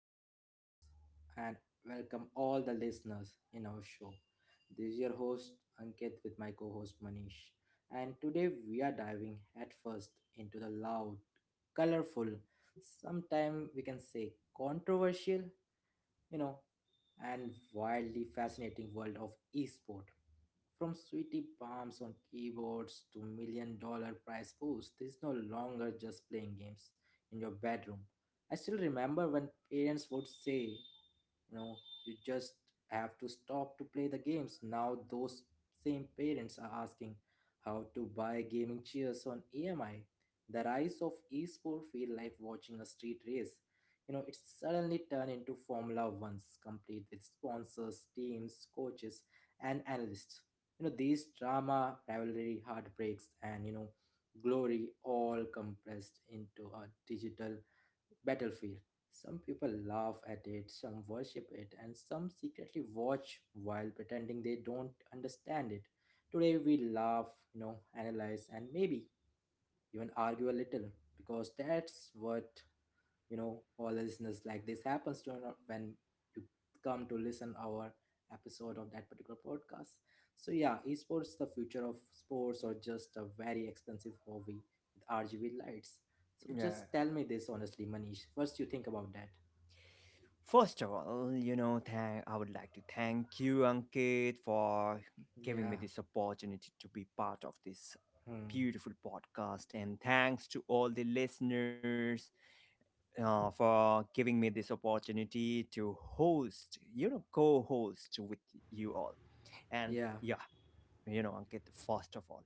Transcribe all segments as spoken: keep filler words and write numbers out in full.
our podcast and welcome all the listeners in our show. This is your host Ankit with my co-host Manish. And today we are diving at first into the loud, colorful, sometimes we can say controversial, you know and wildly fascinating world of esport. From sweetie palms on keyboards to million dollar prize pools, this is no longer just playing games in your bedroom. I still remember when parents would say, you know, you just have to stop to play the games. Now those same parents are asking how to buy gaming chairs on E M I. The rise of esport feel like watching a street race, you know, it's suddenly turned into Formula One's, complete with sponsors, teams, coaches, and analysts. You know, these drama, rivalry, heartbreaks, and, you know, glory all compressed into a digital battlefield. Some people laugh at it, some worship it, and some secretly watch while pretending they don't understand it. Today we laugh, you know, analyze, and maybe even argue a little because that's what you know all the listeners like this happens to not when you come to listen our episode of that particular podcast. So yeah, esports the future of sports or just a very expensive hobby with RGB lights? So Yeah. just tell me this honestly, Manish, first you think about that. First of all, you know, thank I would like to thank you, Ankit, for giving me Yeah. this opportunity to be part of this Hmm. beautiful podcast, and thanks to all the listeners uh, for giving me this opportunity to host, you know, co-host with you all. And Yeah. yeah, you know, Ankit, first of all.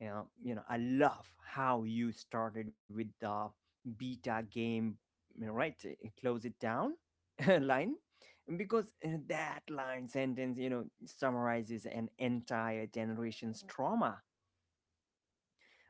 Yeah, you know, I love how you started with the beta game, you know, right? uh, Close it down line, because uh, that line sentence, you know, summarizes an entire generation's trauma.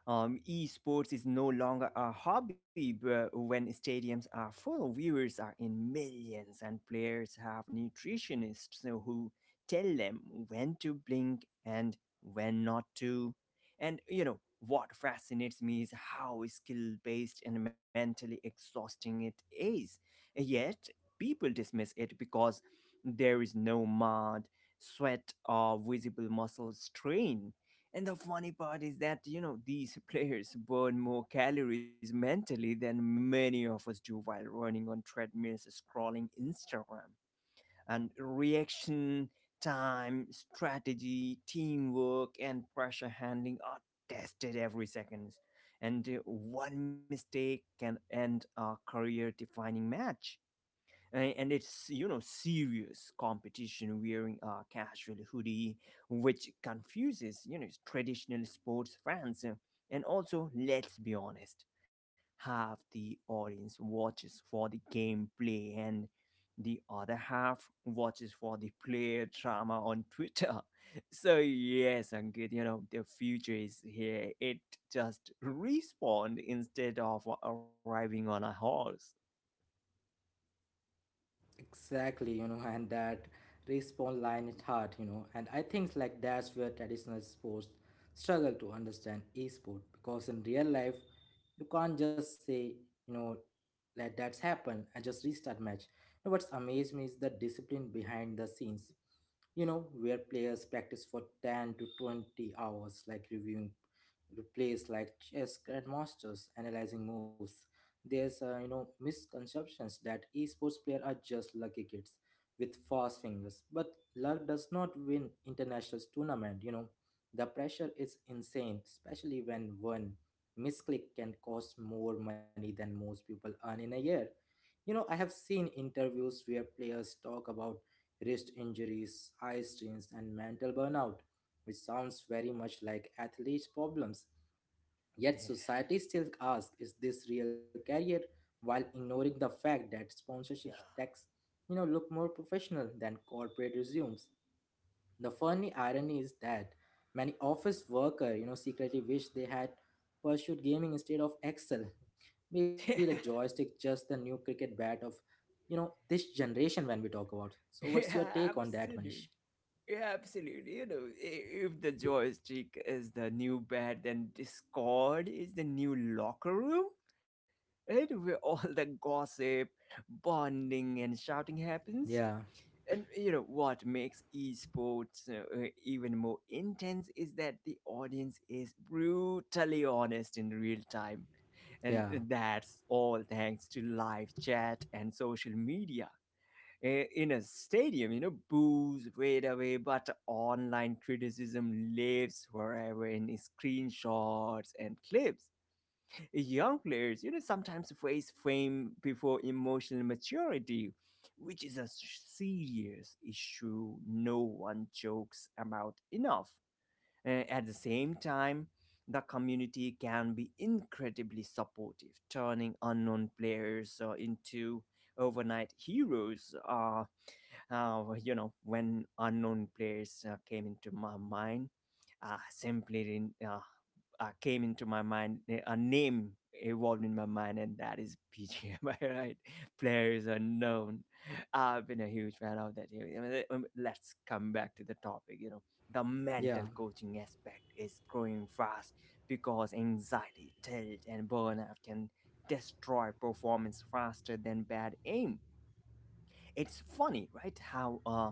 Um, esports is no longer a hobby but when stadiums are full, viewers are in millions, and players have nutritionists who tell them when to blink and when not to. And you know, what fascinates me is how skill based and mentally exhausting it is. Yet, people dismiss it because there is no mud, sweat, or visible muscle strain. And the funny part is that, you know, these players burn more calories mentally than many of us do while running on treadmills, scrolling Instagram. And reaction time, strategy, teamwork, and pressure handling are tested every second. And uh, one mistake can end a career defining match and, and it's, you know, serious competition wearing a casual hoodie, which confuses, you know, traditional sports fans. Uh, and also let's be honest, half the audience watches for the gameplay and the other half watches for the player drama on Twitter. So yes, Ankit, you know, the future is here, it just respawned instead of arriving on a horse. Exactly, you know, and that respawn line is hard, you know, and I think like that's where traditional sports struggle to understand esport because in real life you can't just say, you know, let that happen and just restart match. You know, what's amazed me is the discipline behind the scenes, you know, where players practice for ten to twenty hours, like reviewing replays like chess grandmasters, analyzing moves. There's uh, you know, misconceptions that esports players are just lucky kids with fast fingers, but luck does not win international tournament. You know, the pressure is insane, especially when one misclick can cost more money than most people earn in a year. You know, I have seen interviews where players talk about wrist injuries, eye strains and mental burnout, which sounds very much like athletes problems. Yet society still asks, is this real career? While ignoring the fact that sponsorship Yeah, tax, you know, look more professional than corporate resumes. The funny irony is that many office worker, you know, secretly wish they had pursued gaming instead of Excel. yeah. Maybe the joystick just the new cricket bat of, you know, this generation when we talk about. So what's your Yeah, take on absolutely. that, Manish? Yeah, absolutely. You know, i- if the joystick is the new bed, then Discord is the new locker room, right? Where all the gossip, bonding, and shouting happens. Yeah, And, you know, what makes esports uh, uh, even more intense is that the audience is brutally honest in real time. And uh, yeah, that's all thanks to live chat and social media. Eh, in a stadium, you know, boos fade away, but online criticism lives forever in screenshots and clips. Young players, you know, sometimes face fame before emotional maturity, which is a serious issue no one jokes about enough. Eh, at the same time, the community can be incredibly supportive, turning unknown players uh, into overnight heroes. Uh, uh, you know, when unknown players uh, came into my mind, uh, simply didn't, uh, uh, came into my mind, a name evolved in my mind and that is P G I, right? Players unknown, I've been a huge fan of that. I mean, um, let's come back to the topic. You know, the yeah, mental coaching aspect is growing fast because anxiety, tilt, and burnout can destroy performance faster than bad aim. It's funny, right? How uh,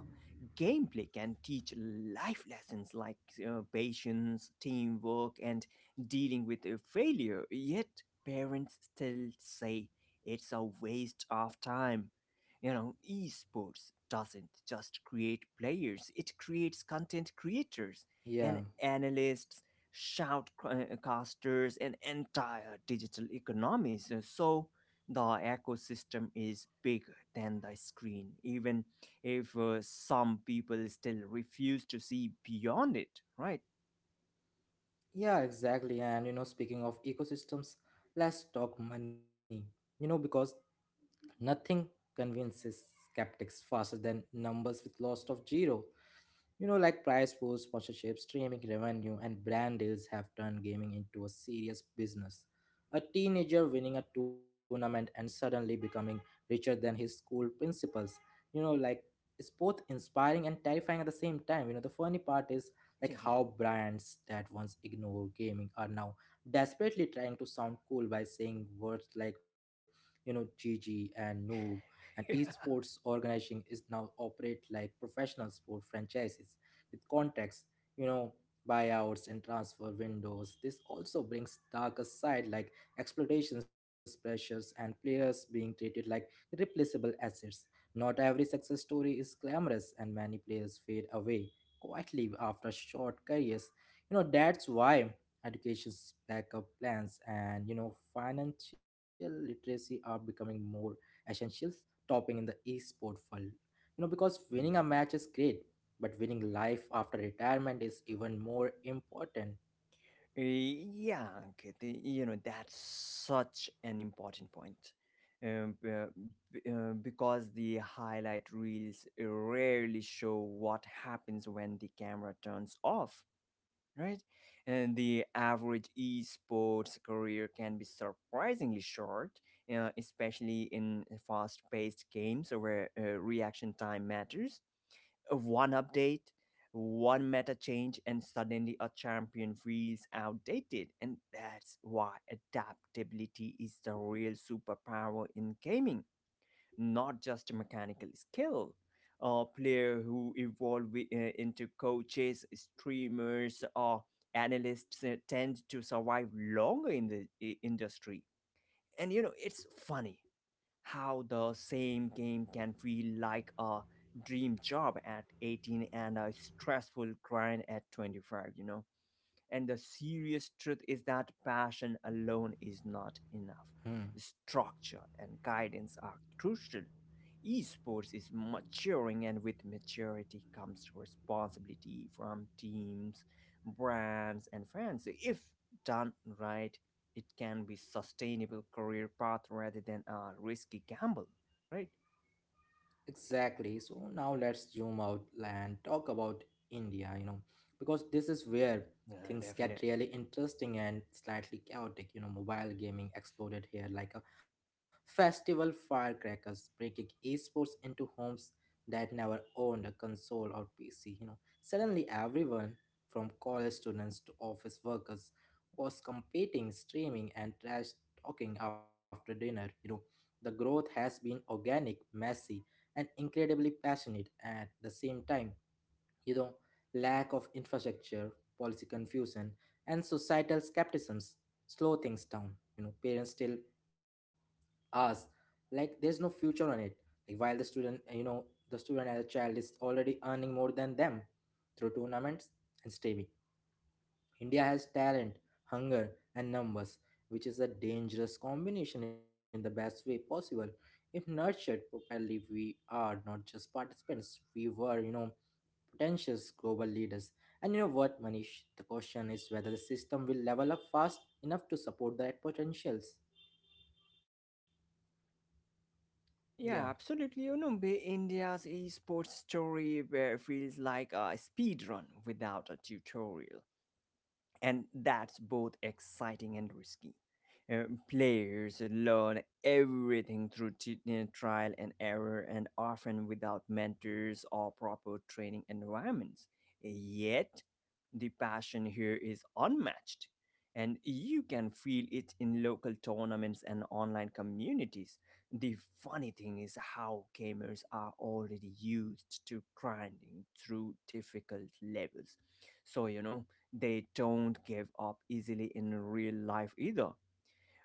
gameplay can teach life lessons like uh, patience, teamwork, and dealing with uh, failure. Yet parents still say it's a waste of time. You know, esports doesn't just create players; it creates content creators and yeah. analysts, shoutcasters, and entire digital economies. So the ecosystem is bigger than the screen, even if uh, some people still refuse to see beyond it, right? Yeah, exactly. And you know, speaking of ecosystems, let's talk money. You know, because nothing convinces skeptics faster than numbers with loss of zero. You know, like prize pools, sponsorships, streaming revenue, and brand deals have turned gaming into a serious business. A teenager winning a tournament and suddenly becoming richer than his school principals. You know, like it's both inspiring and terrifying at the same time. You know, the funny part is like how brands that once ignored gaming are now desperately trying to sound cool by saying words like, you know, G G and noob. And esports organizing is now operate like professional sport franchises with contracts, you know, buyouts and transfer windows. This also brings darker side like exploitations pressures and players being treated like replaceable assets. Not every success story is glamorous and many players fade away quietly after short careers. You know, that's why education's backup plans and you know financial literacy are becoming more essentials topping in the esport world. You know, because winning a Mm. match is great, but winning life after retirement is even more important. Eh, Yeah, Ankit, y- you know, that's such an important point. Um, uh, b- uh, because the highlight reels rarely show what happens when the camera turns off, right? And the average esports career can be surprisingly short, uh, especially in fast paced games where uh, reaction time matters. Uh, One update, one meta change, and suddenly a champion feels outdated. And that's why adaptability is the real superpower in gaming, not just a mechanical skill. A player who evolve wi- uh, into coaches, streamers, or analysts uh, tend to survive longer in the i- industry. And you know, it's funny how the same game can feel like a dream job at eighteen and a stressful grind at twenty-five, you know, and the serious truth is that passion alone is not enough. Hmm. Structure and guidance are crucial. Esports is maturing, and with maturity comes responsibility from teams, brands, and fans. If done right, it can be sustainable career path rather than a risky gamble, right? Exactly. So now let's zoom out and talk about India, you know, because this is where Yeah, things get really definitely. interesting and slightly chaotic. You know, mobile gaming exploded here like a festival firecrackers, breaking esports into homes that never owned a console or P C. You know, suddenly everyone from college students to office workers was competing, streaming, and trash talking after dinner. You know, the growth has been organic, messy and incredibly passionate at the same time. You know, lack of infrastructure, policy confusion, and societal skepticisms slow things down. You know, parents still us like there's no future on it, like while the student uh, you know the student as a child is already earning more than them through tournaments and streaming. India has talent, hunger, and numbers, which is a dangerous combination in the best way possible. If nurtured properly, we are not just participants, we were, you know, potential global leaders. And you know what, Manish? The question is whether the system will level up fast enough to support that potentials. Yeah. Yeah, absolutely. You know, be- India's esports story where feels like a speed run without a tutorial, and that's both exciting and risky. Uh, players learn everything through t- uh, trial and error, and often without mentors or proper training environments. Yet, the passion here is unmatched, and you can feel it in local tournaments and online communities. The funny thing is how gamers are already used to grinding through difficult levels. So, you know, they don't give up easily in real life either.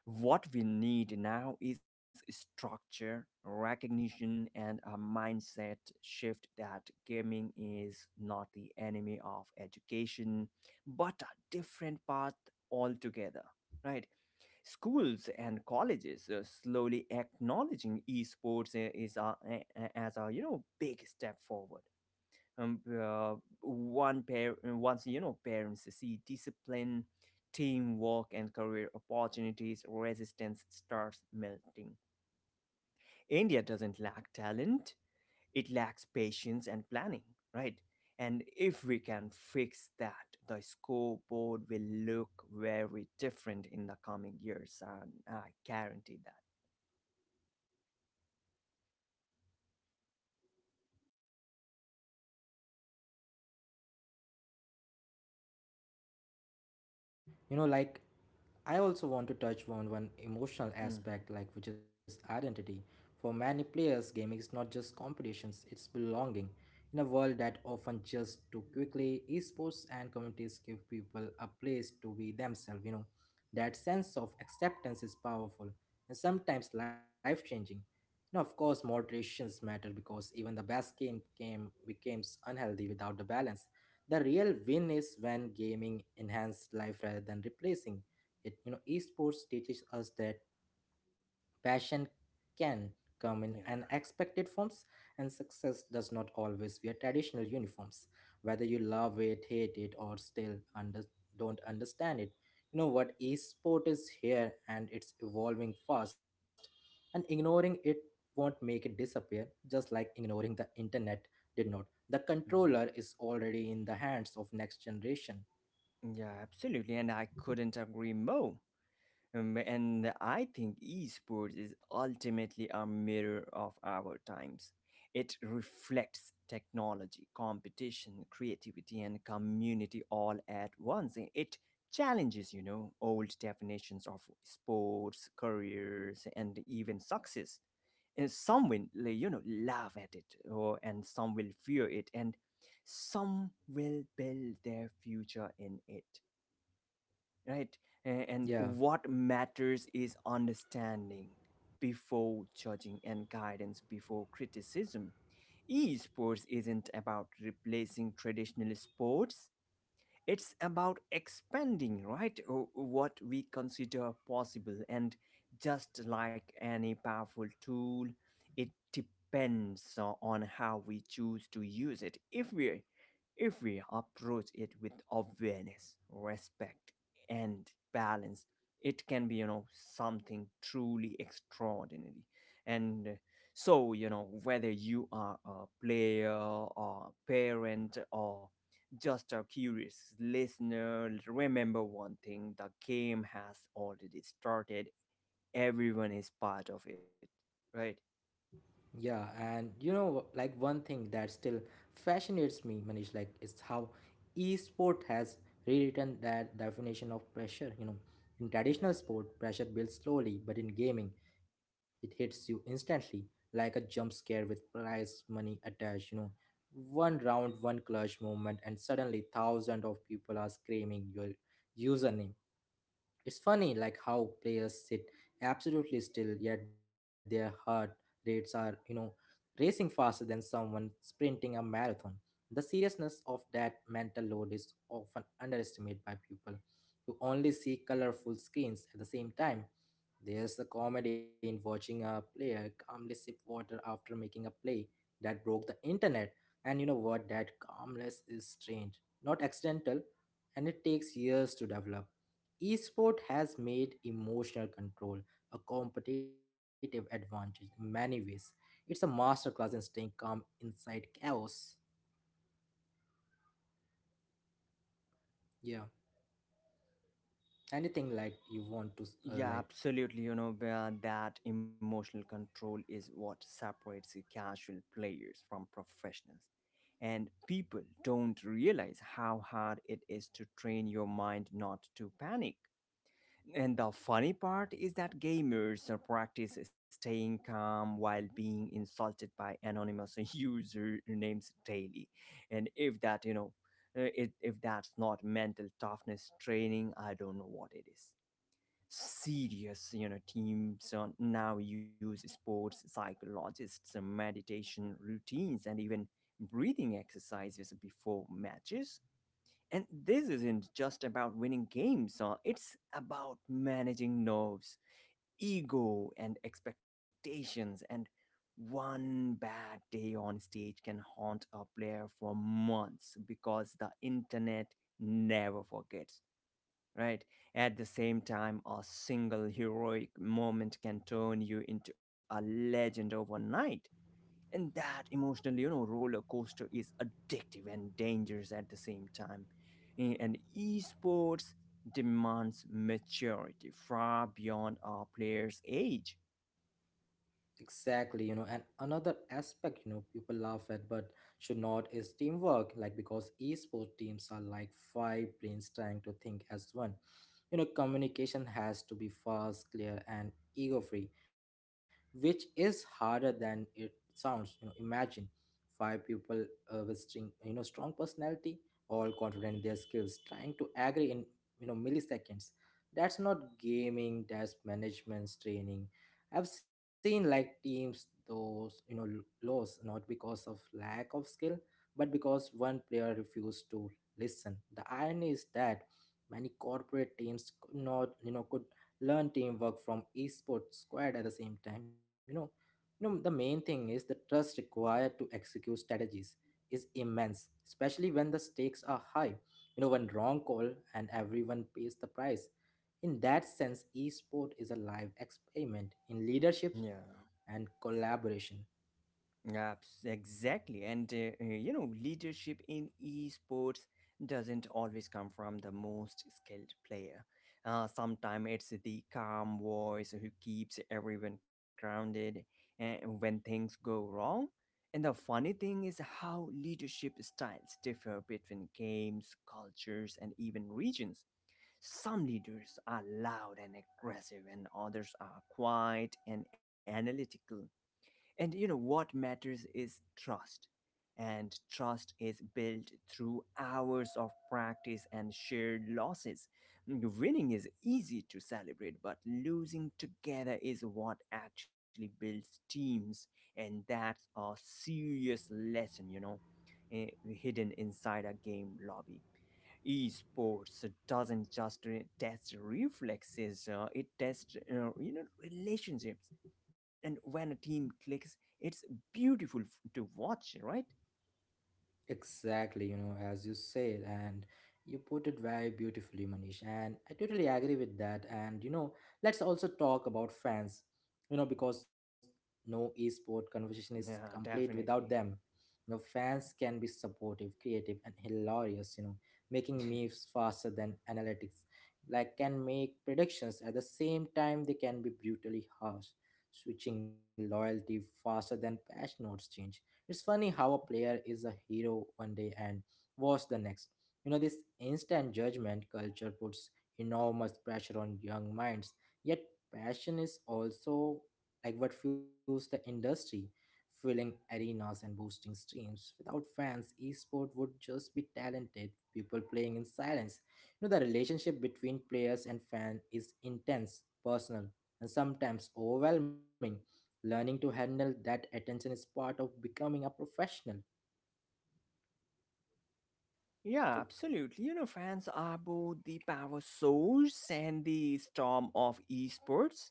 What we need now is structure, recognition, and a mindset shift that gaming is not the enemy of education, but a different path altogether, right? Schools and colleges uh, slowly acknowledging esports uh, is a, a- a- as a, you know, big step forward. Um, uh, one pair Once, you know, parents see discipline, teamwork, and career opportunities, resistance starts melting. India doesn't lack talent, it lacks patience and planning, right? And if we can fix that, the scoreboard will look very different in the coming years, and I guarantee that. You know, like I also want to touch on one emotional Hmm. aspect, like, which is identity. For many players gaming is not just competitions, it's belonging in a world that often just too quickly. Esports and communities give people a place to be themselves, you know. That sense of acceptance is powerful and sometimes life changing. Now of course moderations matter because even the best game game becomes unhealthy without the balance. The real win is when gaming enhanced life rather than replacing it. You know, esports teaches us that passion can come in Yeah. unexpected forms, and success does not always wear traditional uniforms. Whether you love it, hate it, or still under don't understand it, you know what, esport is here and it's evolving fast, and ignoring it won't make it disappear, just like ignoring the internet did not. The Mhm. controller is already in the hands of next generation. Yeah, absolutely, and I couldn't agree more. Um, and I think esports is ultimately a mirror of our times. It reflects technology, competition, creativity, and community all at once. I- It challenges, you know, old definitions of sports, careers, and even success. And some will, like, you know, laugh at it, or, and some will fear it, and some will build their future in it, right? A- and Yeah. what matters is understanding before judging, and guidance before criticism. Esports isn't about replacing traditional sports, it's about expanding, right, o- what we consider possible. And just like any powerful tool, it depends o- on how we choose to use it. If we if we approach it with awareness, respect, and balance, it can be, you know, something truly extraordinary. And uh, so you know, whether you are a player or a parent or just our curious listener, remember one thing: the game has already started. Everyone is part of it, right? Yeah, and you know, like one thing that still fascinates me, Manish, like is how esport has rewritten that definition of pressure. You know, in traditional Yeah. sport, pressure builds slowly, but in gaming, it hits you instantly, like a jump scare with prize money attached. You know, one round, one clutch moment, and suddenly thousands of people are screaming your username. It's funny, like how players sit absolutely still, yet their heart rates are, you know, racing faster than someone sprinting a marathon. The seriousness of that mental load is often underestimated by people who only see colorful screens at the same time. There's the comedy in watching a player calmly sip water after making a play that broke the internet. And you know what? That calmness is strange, not accidental, and it takes years to develop. Esport has made emotional control a competitive advantage in many ways. It's a masterclass in staying calm inside chaos. Yeah, anything like you want to, uh, Yeah, like, absolutely. You know, where that emotional control is what separates the casual players from professionals. And people don't realize how hard it is to train your mind not to panic. And the funny part is that gamers uh, practice staying calm while being insulted by anonymous usernames daily. And if that, you know, uh, if, if that's not mental toughness training, I don't know what it is. Serious, you know, teams uh, now use sports psychologists, uh, meditation routines, and even breathing exercises before matches. And this isn't just about winning games, uh, it's about managing nerves, ego, and expectations. And one bad day on stage can haunt a player for months because the internet never forgets, right? At the same time, a single heroic moment can turn you into a legend overnight. And that emotional, you know, roller coaster is addictive and dangerous at the same time. A- And esports demands maturity far beyond our players' age. exactly, you know. And another aspect, you know, people laugh at but should not is teamwork, like, because esports teams are like five brains trying to think as one. You know, communication has to be fast, clear and ego free, which is harder than it sounds. You know, imagine five people uh, with string, you know strong personality, all confident in their skills, trying to agree in you know milliseconds. That's not gaming, that's management training. I've seen like teams those you know l- lose not because of lack of skill but because one player refused to listen. The irony is that many corporate teams could not, you know, could learn teamwork from esports squad at the same time. You know, you know, the main thing is the trust required to execute strategies is immense, especially when the stakes are high. You know, one wrong call and everyone pays the price. In that sense, esport is a live experiment in Yeah. leadership and collaboration. Abs- Exactly. And, uh, uh, you know, leadership in esports doesn't always come from the most skilled player. Uh, Sometimes it's the calm voice who keeps everyone grounded and when things go wrong. And the funny thing is how leadership styles differ between games, cultures, and even regions. Some leaders are loud and aggressive, and others are quiet and analytical, and you know what matters is trust. And trust is built through hours of practice and shared losses. Winning is easy to celebrate, but losing together is what actually builds teams. And that's a serious lesson, you know, eh, hidden inside a game lobby. Esports doesn't just uh, test reflexes, uh, it tests, uh, you know, relationships. And when a team clicks, it's beautiful f- to watch, right? Exactly, you know, as you said, and you put it very beautifully, Manish, and I totally agree with that. And you know, let's also talk about fans, you know, because no esport conversation is complete Yeah, without them. definitely. You know, fans can be supportive, creative, and hilarious, you know, making memes faster than analytics, like, can make predictions at the same time. They can be brutally harsh, switching loyalty faster than patch notes change. It's funny how a player is a hero one day and was the next. You know, this instant judgment culture puts enormous pressure on young minds. Yet, passion is also like what fuels the industry, filling arenas and boosting streams. Without fans, esport would just be talented people playing in silence. You know, the relationship between players and fan is intense, personal, and sometimes overwhelming. Learning to handle that attention is part of becoming a professional. Yeah, So absolutely, you know, fans are both the power source and the storm of esports.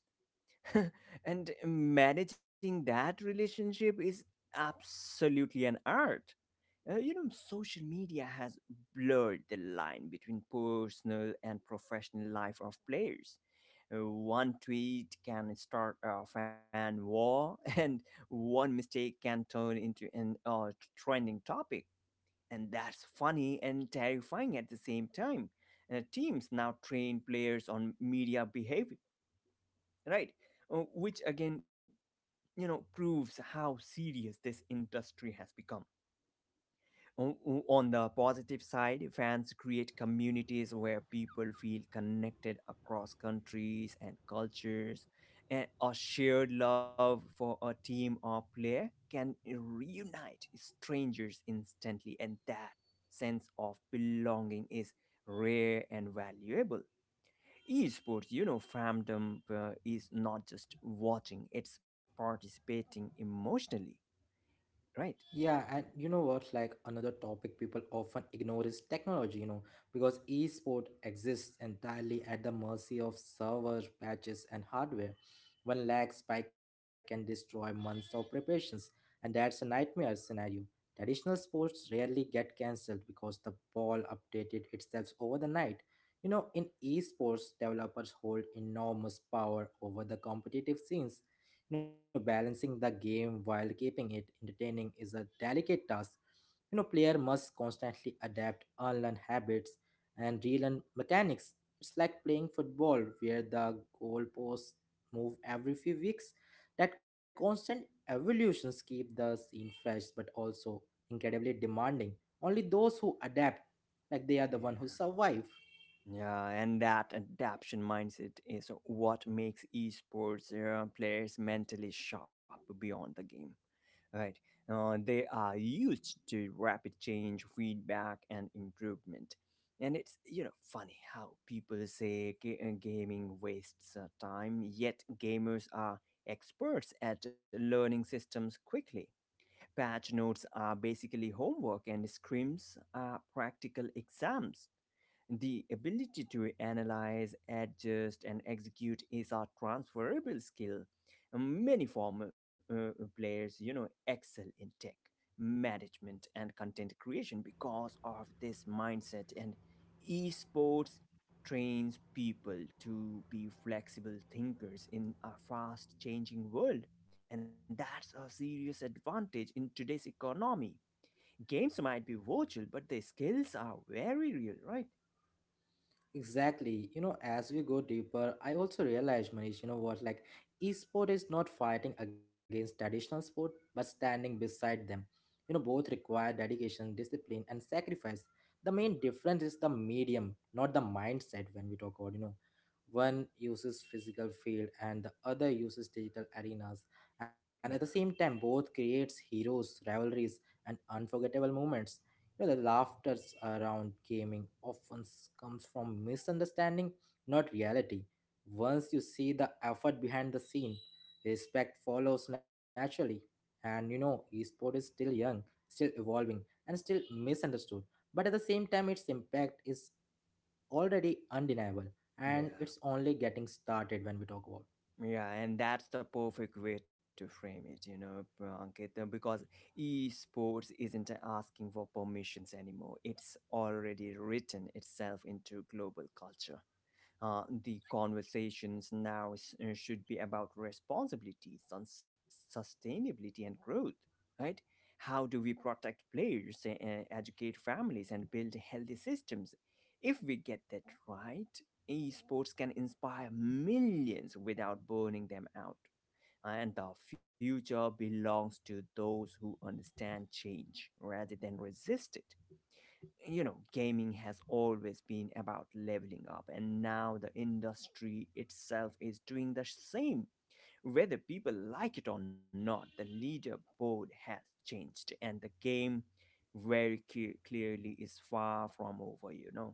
And managing that relationship is absolutely an art. Uh, you know, social media has blurred the line between personal and professional life of players. Uh, one tweet can start a fan war, and one mistake can turn into an uh, trending topic. And that's funny and terrifying at the same time. Uh, teams now train players on media behavior, right? Uh, which again, you know, proves how serious this industry has become. O- On the positive side, fans create communities where people feel connected across countries and cultures, and a shared love for a team or player can reunite strangers instantly, and that sense of belonging is rare and valuable. Esports, you know, fandom uh, is not just watching, it's participating emotionally, right? yeah, and you know what? Like another topic people often ignore is technology, you know, because esport exists entirely at the mercy of server patches and hardware. One lag spike can destroy months of preparations, and that's a nightmare scenario. Traditional sports rarely get cancelled because the ball updated itself over the night. You know, in esports, developers hold enormous power over the competitive scenes. You know, balancing the game while keeping it entertaining is a delicate task. You know, player must constantly adapt, unlearn habits, and relearn mechanics. It's like playing football where the goalposts move every few weeks. That constant evolutions keep the scene fresh but also incredibly demanding. Only those who adapt, like they are the one who Yeah. survive. Yeah, and that adaptation mindset is what makes esports uh, players mentally sharp beyond the game, right? Uh, they are used to rapid change, feedback, and improvement. And it's you know funny how people say ga- uh, gaming wastes uh, time, yet gamers are experts at learning systems quickly. Patch notes are basically homework, and scrims are practical exams. The ability to analyze, adjust, and execute is a transferable skill. Many former uh, players, you know, excel in tech management and content creation because of this mindset. And esports trains people to be flexible thinkers in a fast changing world. And that's a serious advantage in today's economy. Games might be virtual, but the skills are very real, right? Exactly. You know, as we go deeper, I also realized, Manish, you know what, like esport is not fighting against traditional sport, but standing beside them. You know, both require dedication, discipline, and sacrifice. The main difference is the medium, not the mindset when we talk about, you know, one uses physical field and the other uses digital arenas. And at the Yeah. same time, both creates heroes, rivalries, and unforgettable moments. You know, the laughter around gaming often s- comes from misunderstanding, not reality. Once you see the effort behind the scene, respect follows naturally. And you know, esport is still young, still evolving, and still misunderstood. But at the same time, its impact is already undeniable, and Yeah, it's only getting started when we talk about it. yeah, and that's the perfect way to frame it, you know, Ankit, uh, because esports isn't asking for permissions anymore. It's already written itself into global culture. Uh, the conversations now s- uh, should be about responsibilities, sus- sustainability, and growth, right? How do we protect players, uh, uh, educate families, and build healthy systems? If we get that right, esports can inspire millions without burning them out. And the future belongs to those who understand change rather than resist it. You know, gaming has always been about leveling up, and now the industry itself is doing the same. Whether people like it or not, the leaderboard has changed, and the game very clear- clearly is far from over, you know.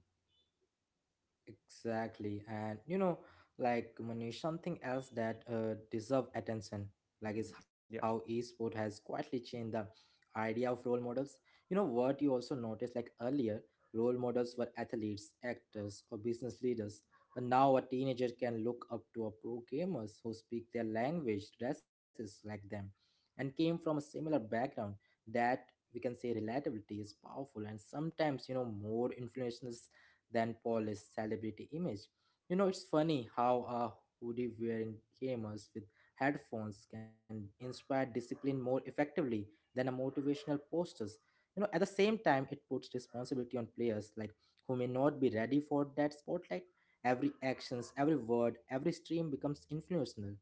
Exactly. And you know, like Manish, something else that uh, deserve attention, like is Mhm, yeah. how esport has quietly changed the idea of role models. You know what you also noticed like earlier, role models were athletes, actors, or business leaders. But now a teenager can look up to a pro gamers who speak their language, dresses like them, and came from a similar background that we can say relatability is powerful and sometimes you know more influential than Paul's celebrity image. You know, it's funny how a hoodie wearing gamers with headphones can inspire discipline more effectively than a motivational posters. You know, at the same time, it puts responsibility on players like who may not be ready for that spotlight. Every actions, every word, every stream becomes influential.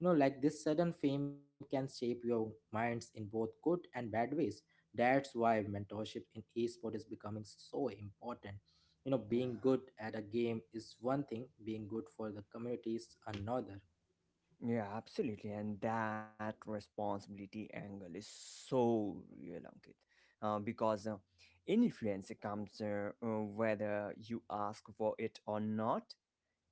You know, like this sudden fame can shape your minds in both good and bad ways. That's why mentorship in esports is becoming so important. You know, being yeah good at a game is one thing, being good for the community is another. yeah absolutely, and that responsibility angle is so real, Ankit. Uh, because uh, Influence comes uh, uh, whether you ask for it or not.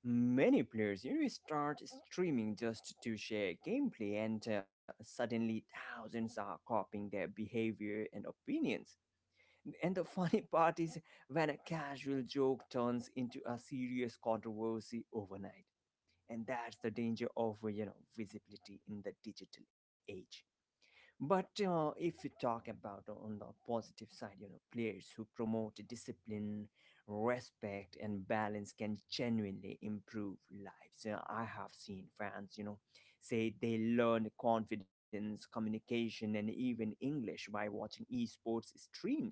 Many players, you know, start streaming just to share gameplay, and uh, suddenly thousands are copying their behavior and opinions. And the funny part is when a casual joke turns into a serious controversy overnight. And that's the danger of, uh, you know, visibility in the digital age. But uh, if you talk about on the positive side, you know, players who promote discipline, respect, and balance can genuinely improve lives. Uh, I have seen fans, you know, say they learn confidence, communication, and even English by watching esports streams,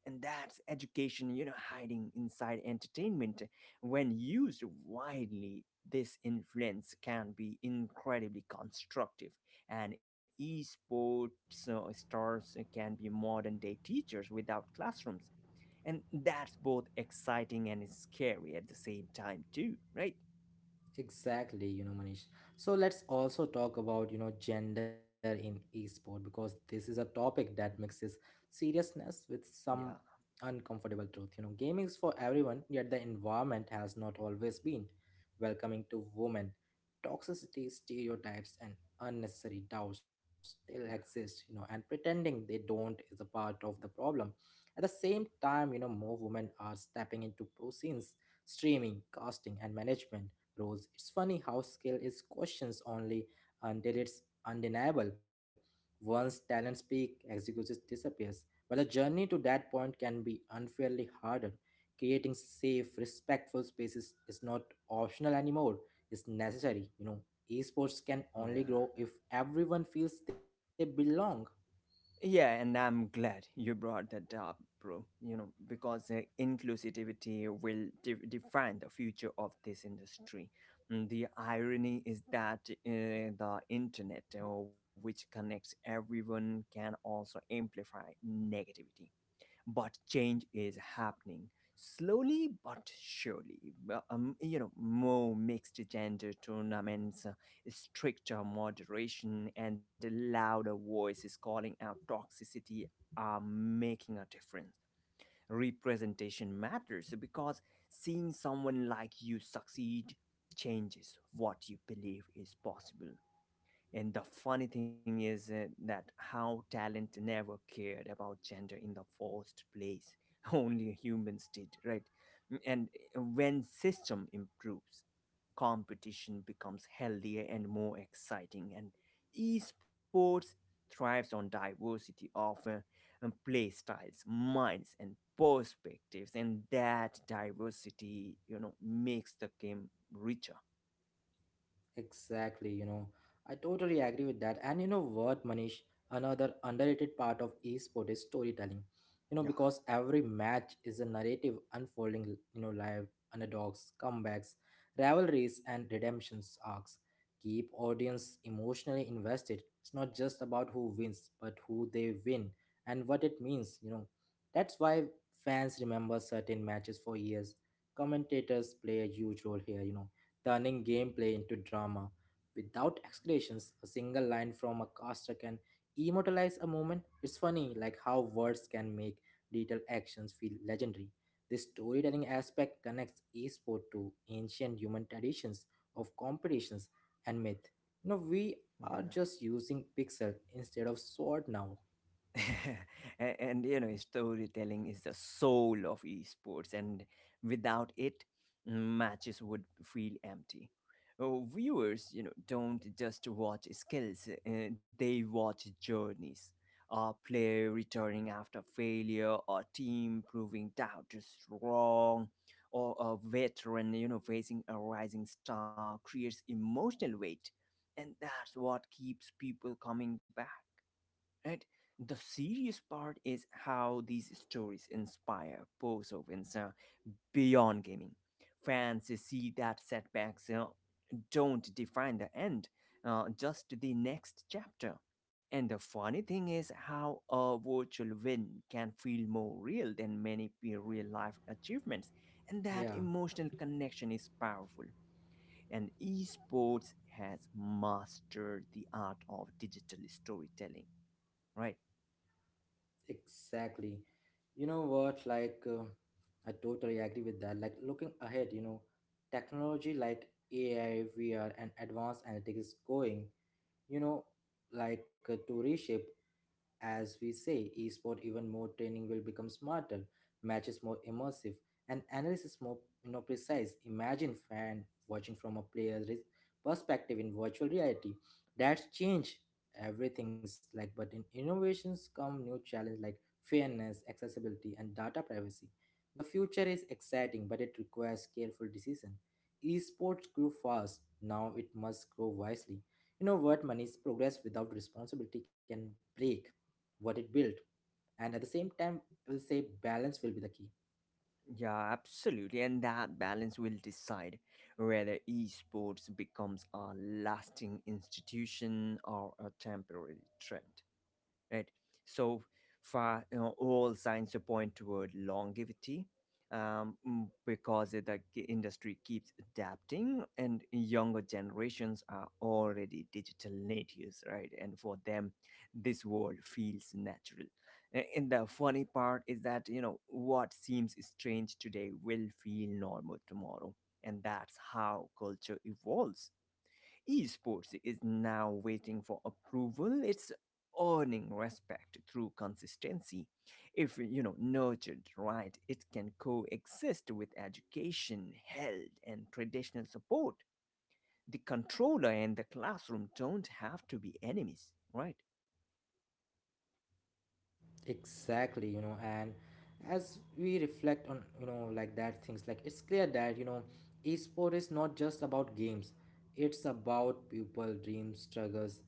and that's education, you know, hiding inside entertainment. When used widely, this influence can be incredibly constructive, and esports uh, stars can be modern day teachers without classrooms. And that's both exciting and scary at the same time too, right? Exactly, you know, Manish. So let's also talk about, you know, gender in esport because this is a topic that Hmm, mixes seriousness with some yeah. uncomfortable truth. You know, gaming is for everyone, yet the environment has not always been welcoming to women. Toxicity, stereotypes, and unnecessary doubts still yeah exist, you know, and pretending they don't is a part of the problem. At the same time, you know, more women are stepping into pro scenes streaming, casting, and management. Rose. It's funny how skill is questions only until it's undeniable. Once talents peak, execution disappears. But the journey to that point can be unfairly harder. Creating safe, respectful spaces is not optional anymore. It's necessary. You know, esports can only yeah grow if everyone feels they belong. Yeah, and I'm glad you brought that up, bro. You know, because uh, inclusivity will de- define the future of this industry. Mm. The irony is that uh, the internet, uh, which connects everyone, can also amplify negativity, but change is happening, slowly but surely. Well, um, you know, more mixed gender tournaments, uh, stricter moderation, and louder voices calling out toxicity are making a difference. Representation matters, because seeing someone like you succeed changes what you believe is possible. And the funny thing is uh, that how talent never cared about gender in the first place. Only humans did, right? Mm. And eh, when system improves, competition becomes healthier and more exciting. And esports thrives on diversity of uh, um, play styles, minds, and perspectives. And that diversity, you know, makes the game richer. Exactly, you know, I totally agree with that. And you know what, Manish, another underrated part of esport is storytelling. You know, Yeah. because every match is a narrative unfolding, you know, live underdogs, comebacks, rivalries, and redemptions arcs. Keep audience emotionally invested. It's not just about who wins, but who they win and what it means, you know. That's why fans remember certain matches for years. Commentators play a huge role here, you know, turning gameplay into drama. Without exclamations, a single line from a caster can immortalize a moment. It's funny, like how words can make detailed actions feel legendary. This storytelling aspect connects esport to ancient human traditions of competitions and myth. You know, we are Yeah. just using pixel instead of sword now. and, and You know, storytelling is the soul of esports, and without it matches would feel empty. Oh, viewers, you know, don't just watch skills, uh, they watch journeys. A player returning after failure, a team proving doubters wrong, or a veteran, you know, facing a rising star creates emotional weight, and that's what keeps people coming back, right? The serious part is how these stories inspire voiceovers uh, beyond gaming. Fans see that setbacks uh, don't define the end, uh, just the next chapter. And the funny thing is how a virtual win can feel more real than many real life achievements. And that Yeah. emotional connection is powerful. And esports has mastered the art of digital storytelling, right? Exactly. You know what? Like, uh, I totally agree with that. Like, looking ahead, you know, technology like A I, V R, and advanced analytics is going, you know, like uh, to reshape as we say, esport even more. Training will become smarter, matches more immersive, and analysis more, you know, precise. Imagine fan watching from a player's re- perspective in virtual reality. That's change everything's like but in innovations come new challenges like fairness, accessibility, and data privacy. The future is exciting, but it requires careful decision. Esports grew fast, now it must grow wisely. You know what? Money's progress without responsibility can break what it built, and at the same time, I will say balance will be the key. Yeah, absolutely. And that balance will decide whether esports becomes a lasting institution or a temporary trend, right? So far, you know, all signs point toward longevity, um, mm, because it- the k- industry keeps adapting, and younger generations are already digital natives, right? And for them, this world feels natural. A- And the funny part is that, you know, what seems strange today will feel normal tomorrow, and that's how culture evolves. Esports is now waiting for approval. It's earning respect through consistency. If, you know, nurtured right, it can coexist with education, health, and traditional support. The controller and the classroom don't have to be enemies, right? Exactly, you know, and as we reflect on, you know, like that things, like it's clear that, you know, esport is not just about games, it's about people, dreams, struggles,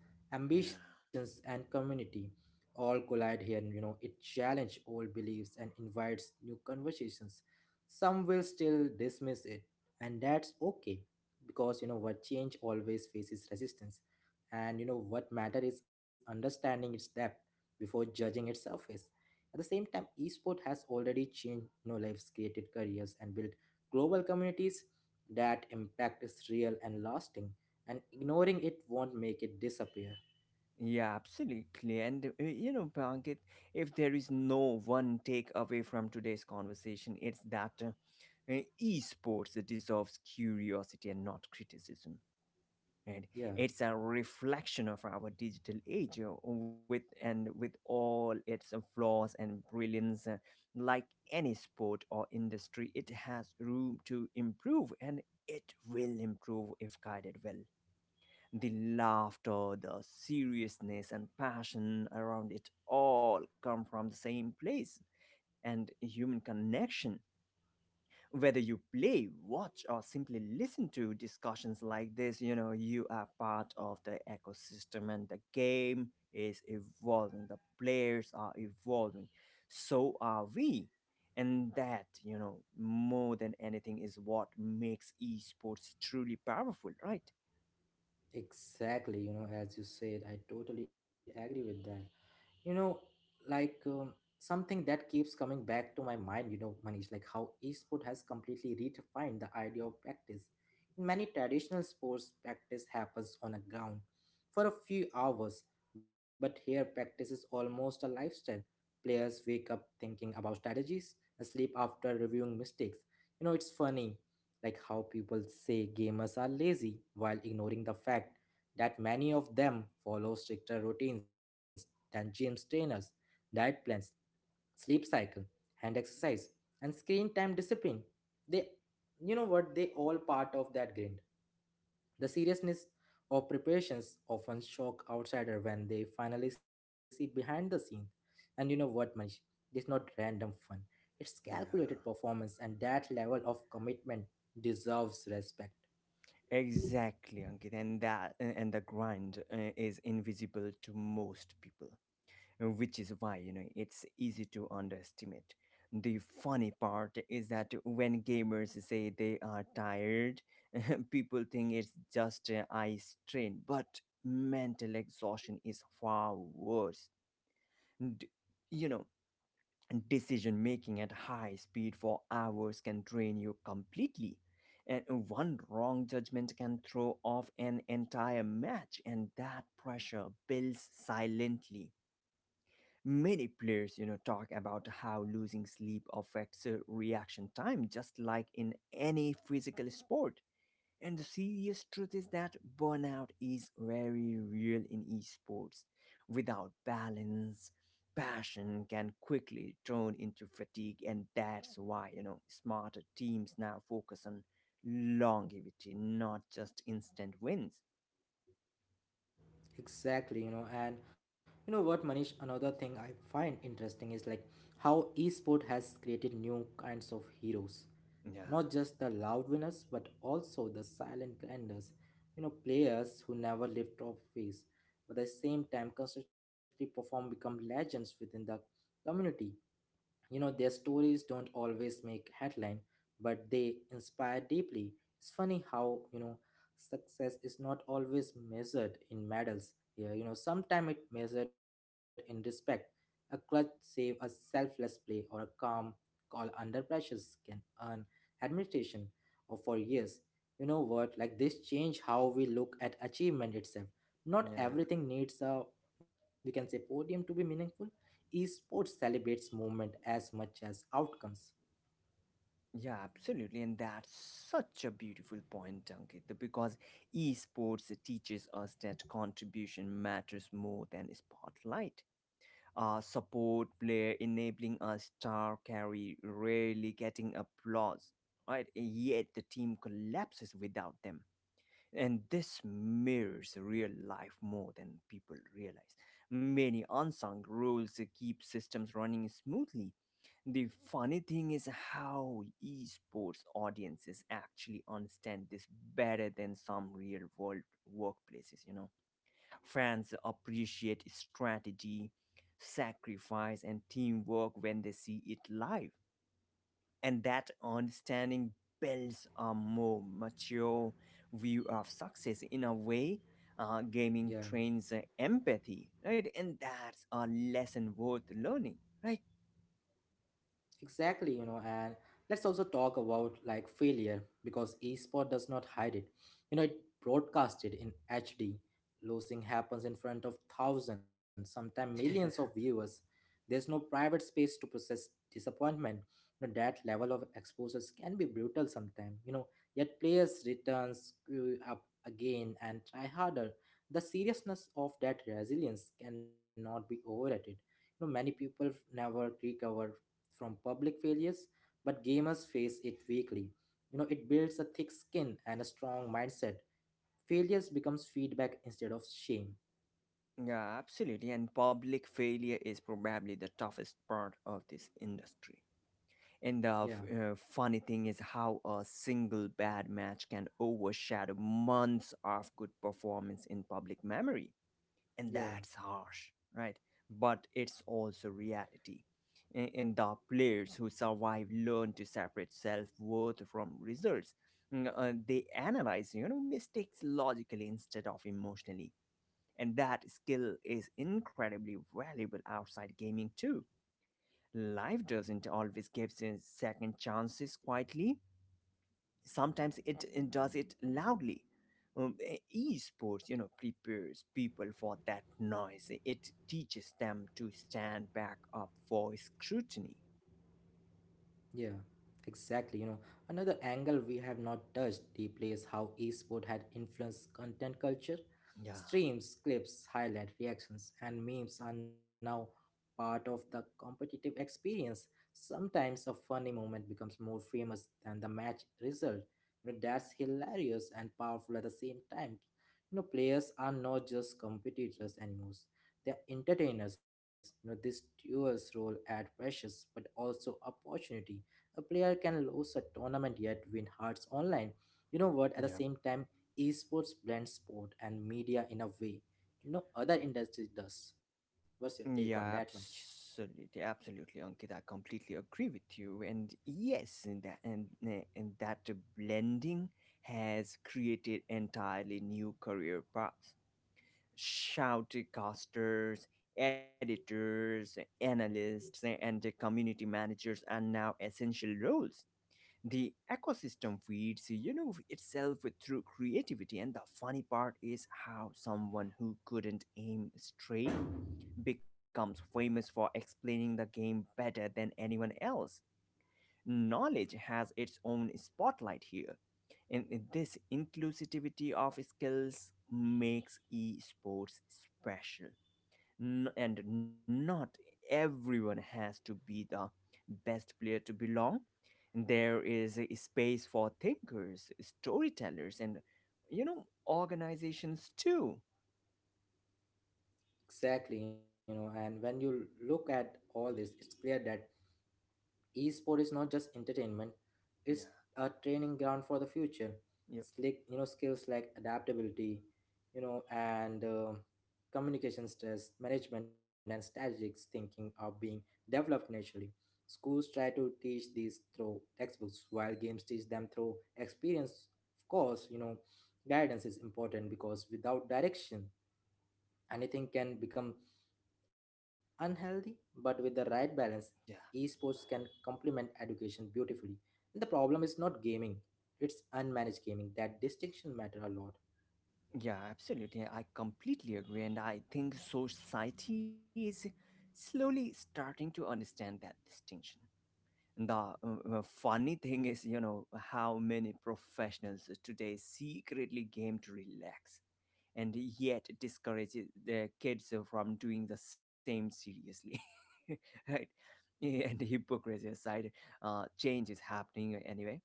Yeah. ambitions, and community all collide here. And, you know, it challenges old beliefs and invites new conversations. Some will still dismiss it, and that's okay because, you know, what change always faces resistance. And, you know, what matter is understanding its depth before judging its surface. At the same time, esport has already changed, you know, lives, created careers, and built global communities. That impact is real and lasting. And ignoring it won't make it disappear. Yeah, absolutely. And uh, you know, Pankit, if there is no one takeaway from today's conversation, it's that uh, uh, esports deserves curiosity and not criticism, right? Yeah. It's a reflection of our digital age, uh, with and with all its uh, flaws and brilliance. Uh, like any sport or industry, it has room to improve, and it will improve if guided well. The laughter, the seriousness, and passion around it all come from the same place, and human connection. Whether you play, watch, or simply listen to discussions like this, you know, you are part of the ecosystem, and the game is evolving. The players are evolving. So are we. And that, you know, more than anything is what makes esports truly powerful, right? Exactly, you know, as you said, I totally agree with that. You know, like um, something that keeps coming back to my mind, you know, Manish, like how esport has completely redefined the idea of practice. In many traditional sports, practice happens on a ground for a few hours, but here practice is almost a lifestyle. Players wake up thinking about strategies, sleep after reviewing mistakes. You know, it's funny like how people say gamers are lazy while ignoring the fact that many of them follow stricter routines than gym trainers, diet plans, sleep cycle, hand exercise, and screen time discipline. They, you know what, they all part of that grind. The seriousness of preparations often shock outsiders when they finally see behind the scenes. And you know what, Manish? It's not random fun. It's calculated Yeah. performance, and that level of commitment deserves respect. Exactly, Ankit, and that and and the grind uh, is invisible to most people, uh, which is why, you know, it's easy to underestimate. The funny part is that when gamers say they are tired, people think it's just uh, eye strain, but mental exhaustion is far worse. D- you know, decision making at high speed for hours can drain you completely. And one wrong judgment can throw off an entire match, and that pressure builds silently. Many players, you know, talk about how losing sleep affects uh, reaction time, just like in any physical sport. And the serious truth is that burnout is very real in esports. Without balance, passion can quickly turn into fatigue, and that's why, you know, smarter teams now focus on longevity, not just instant wins. Exactly, you know, and you know what, Manish, another thing I find interesting is like how esport has created new kinds of heroes. Yeah, Not just the loud winners, but also the silent grinders. You know, players who never lift trophies, but at the same time constantly perform become legends within the community. You know, their stories don't always make headline, but they inspire deeply. It's funny how, you know, success is not always measured in medals here. You know, sometimes it measured in respect. A clutch save, a selfless play, or a calm call under pressures can earn admiration or for years. You know what? Like this change how we look at achievement itself. Not yeah. everything needs a, we can say, podium to be meaningful. Esports celebrates movement as much as outcomes. Yeah, absolutely. And that's such a beautiful point, Ankit, because esports teaches us that contribution matters more than spotlight. Uh, support player enabling a star carry rarely getting applause, right? Yet the team collapses without them. And this mirrors real life more than people realize. Many unsung rules keep systems running smoothly. The funny thing is how esports audiences actually understand this better than some real world workplaces, you know. Fans appreciate strategy, sacrifice, and teamwork when they see it live. And that understanding builds a more mature view of success in a way. Uh, yeah. Gaming trains uh, empathy, right? And that's a lesson worth learning, right? Exactly, you know, and let's also talk about like failure because esport does not hide it. You know, it broadcasted in H D. Losing happens in front of thousands, sometimes millions of viewers. There's no private space to process disappointment. You know, that level of exposures can be brutal sometimes, you know, yet players return, screw up again and try harder. The seriousness of that resilience cannot be overrated. You know, many people never recover from public failures, but gamers face it weekly. You know, it builds a thick skin and a strong mindset. Failures becomes feedback instead of shame. Yeah, absolutely. And public failure is probably the toughest part of this industry. And Yeah, the f- uh, funny thing is how a single bad match can overshadow months of good performance in public memory. And yeah. that's harsh, right? But it's also reality. A- And the players who survive learn to separate self worth from results. Mm, uh, they analyze, you know, mistakes logically instead of emotionally. And that skill is incredibly valuable outside gaming too. Life doesn't always give us second chances quietly. Sometimes it it does it loudly. Um, e- esports, you know, prepares people for that noise. It teaches them to stand back up for scrutiny. Yeah, exactly. You know, another angle we have not touched deeply is how esport had influenced content culture. Yeah, Streams, clips, highlight reactions, and memes are now part of the competitive experience. Sometimes a funny moment becomes more famous than the match result. You know, that's hilarious and powerful at the same time. You know, players are not just competitors anymore. They're entertainers. You know, this duel's role add pressures but also opportunity. A player can lose a tournament yet win hearts online. You know what? At the yeah, same time, esports blends sport and media in a way no other industry does. What's your take on yeah, that, Manish? absolutely, absolutely, Ankit. I completely agree with you. And yes, and that, and, uh, and that blending has created entirely new career paths. Shoutcasters, editors, analysts, and community managers are now essential roles. The ecosystem feeds, you know, itself through creativity, and the funny part is how someone who couldn't aim straight becomes famous for explaining the game better than anyone else. Knowledge has its own spotlight here. And in this inclusivity of skills makes esports special. N- and not everyone has to be the best player to belong. There is a space for thinkers, storytellers, and, you know, organizations too. Exactly, you know, and when you look at all this, it's clear that esport is not just entertainment, it's Yeah. a training ground for the future. Yep. Slick, you know, skills like adaptability, you know, and uh, communication, stress management and strategic thinking are being developed naturally. Schools try to teach these through textbooks while games teach them through experience. Of course, you know, guidance is important because without direction anything can become unhealthy, but with the right balance, Yeah. esports can complement education beautifully. And the problem is not gaming, it's unmanaged gaming. That distinction matter a lot. Yeah, absolutely. I completely agree. And I think society is slowly starting to understand that distinction. And The uh, uh, funny thing is, you know, how many professionals today secretly game to relax, and yet discourages the kids from doing the same seriously. Right, and the hypocrisy aside, uh, change is happening anyway.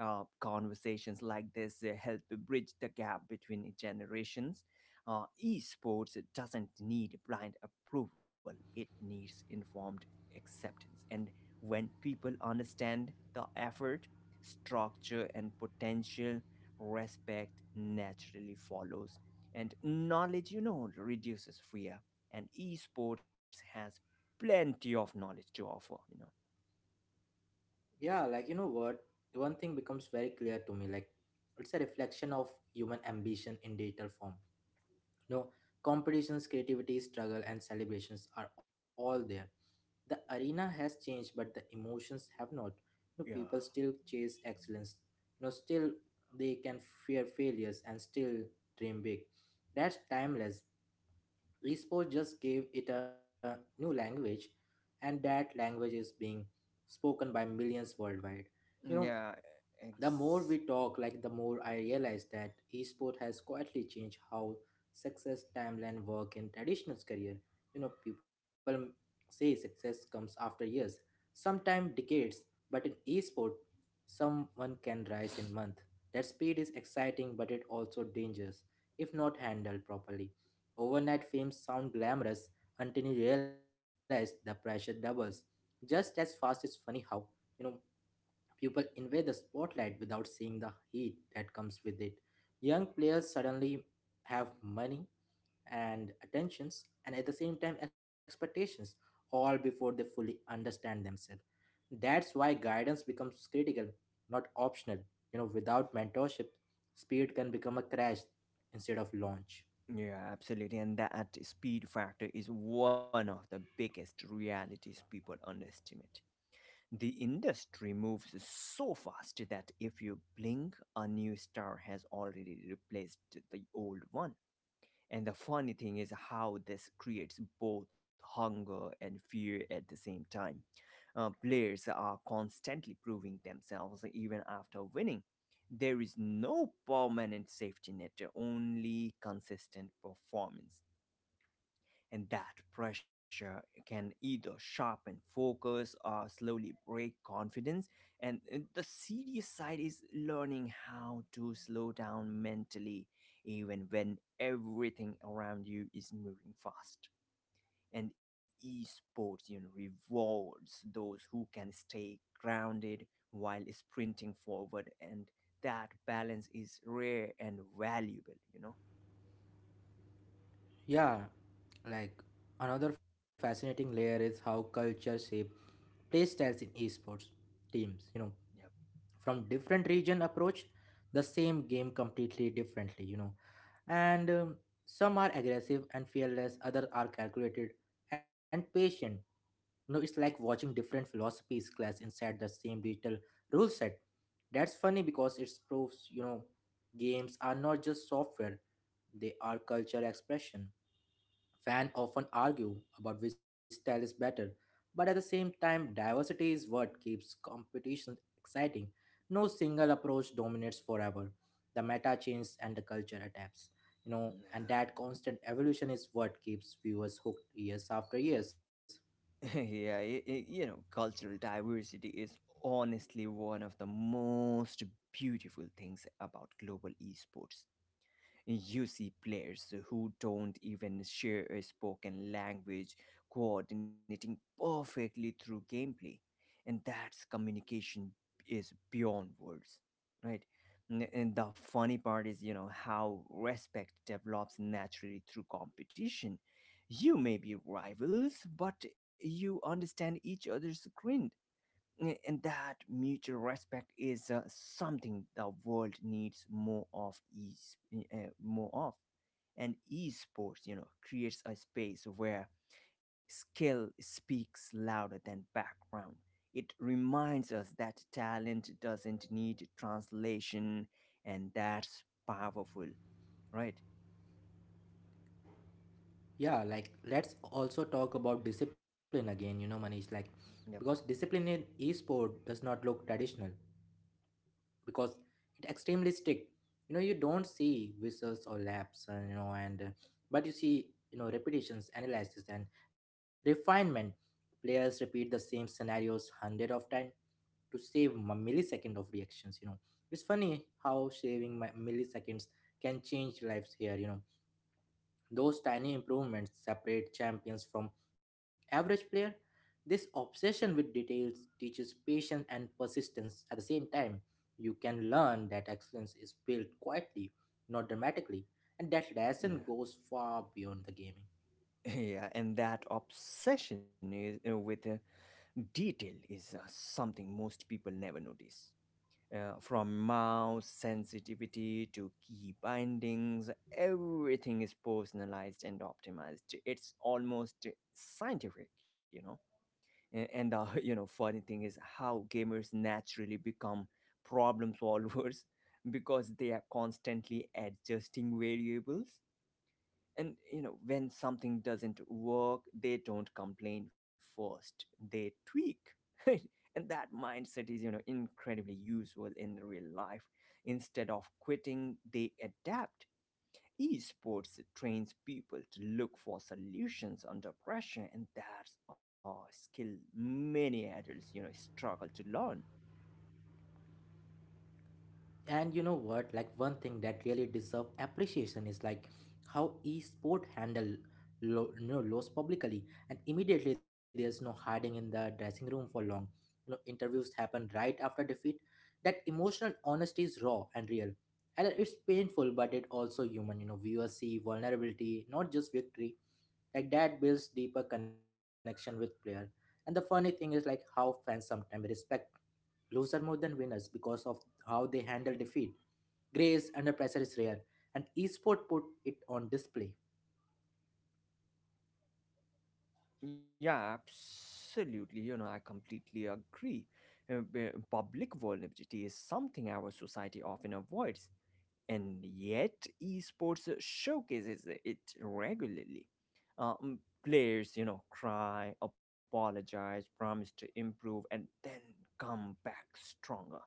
uh, Conversations like this uh, help bridge the gap between generations. Uh, esports doesn't need blind approval, it needs informed acceptance. And when people understand the effort, structure, and potential, respect naturally follows. And knowledge, you know, reduces fear. And esports has plenty of knowledge to offer, you know. Yeah, like you know what? One thing becomes very clear to me, like it's a reflection of human ambition in digital form. No, competitions, creativity, struggle, and celebrations are all there. The arena has changed, but the emotions have not. You know, people Yeah. still chase excellence. You know, still they can fear failures and still dream big. That's timeless. Esports just gave it a new language, and that language is being spoken by millions worldwide. You know, Yeah. the more Ex- we talk, like the more I realize that esport has quietly changed how success timeline work in traditional career. You know, people m- say success comes after years, sometimes decades, but in esport, someone can rise in month. That speed is exciting, but it also dangerous if not handled properly. Overnight fame sound glamorous until you realize the pressure doubles. Just as fast it's funny how you know people invade the spotlight without seeing the heat that comes with it. Young players suddenly have money and attentions and at the same time expectations, all before they fully understand themselves. That's why guidance becomes critical, not optional. You know, without mentorship, speed can become a crash instead of launch. yeah, absolutely. And that speed factor is one of the biggest realities people underestimate. The industry moves so fast that if you blink, a new star has already replaced the old one. And the funny thing is how this creates both hunger and fear at the same time. Uh, players are constantly proving themselves even after winning. There is no permanent safety net, only consistent performance, and that pressure can either sharpen focus or slowly break confidence. And uh, The serious side is learning how to slow down mentally even when everything around you is moving fast, and esports, you know, rewards those who can stay grounded while sprinting forward, and that balance is rare and valuable, you know. Yeah, like another fascinating layer is how culture shape play styles in esports teams. You know, Yep. from different region approach the same game completely differently, you know and um, some are aggressive and fearless, others are calculated and patient. You know, it's like watching different philosophies clash inside the same digital rule set. That's funny because it proves, you know, games are not just software, they are culture expression. Fans often argue about which style is better, but at the same time, diversity is what keeps competition exciting. No single approach dominates forever. The meta changes and the culture adapts. You know, and that constant evolution is what keeps viewers hooked years after years. Yeah, y- y- you know, cultural diversity is honestly one of the most beautiful things about global esports. You see players who don't even share a spoken language coordinating perfectly through gameplay. And that's communication is beyond words, right? N- And the funny part is, you know, how respect develops naturally through competition. You may be rivals, but you understand each other's grind, and that mutual respect is uh, something the world needs more of e- uh, more of. And esports, you know, creates a space where skill speaks louder than background. It reminds us that talent doesn't need translation, and that's powerful, right? Yeah, like let's also talk about discipline again, you know, Manish, like Yep. because discipline in esport does not look traditional. Because it extremely strict. You know, you don't see whistles or laps, and you know and uh, but you see, you know, repetitions, analysis and refinement. Players repeat the same scenarios hundred of time to save a millisecond of reactions. You know, it's funny how saving mi- milliseconds can change lives here, you know. Those tiny improvements separate champions from average player. This obsession with details teaches patience and persistence at the same time. You can learn that excellence is built quietly, not dramatically, and that lesson Yeah. goes far beyond the gaming. Yeah, and that obsession is, uh, with uh, detail is uh, something most people never notice. Uh, from mouse sensitivity to key bindings, everything is personalized and optimized. It's almost scientific, you know. A- And the you know funny thing is how gamers naturally become problem solvers because they are constantly adjusting variables. And you know, when something doesn't work, they don't complain first. They tweak. And that mindset is, you know, incredibly useful in real life. Instead of quitting, they adapt. Esports trains people to look for solutions under pressure, and that's a skill many adults, you know, struggle to learn. And you know what, like one thing that really deserve appreciation is like how esport handle lo- you know, loss publicly and immediately. There's no hiding in the dressing room for long. You know, interviews happen right after defeat. That emotional honesty is raw and real, and it's painful, but it also human. You know, viewers see vulnerability, not just victory. Like that builds deeper connection with player. And the funny thing is, like how fans sometimes respect loser more than winners because of how they handle defeat. Grace under pressure is rare, and esport put it on display. Yeah, absolutely. You know, I completely agree. Uh, b- Public vulnerability is something our society often avoids, and yet esports showcases it regularly. Um, players, you know, cry, apologize, promise to improve, and then come back stronger.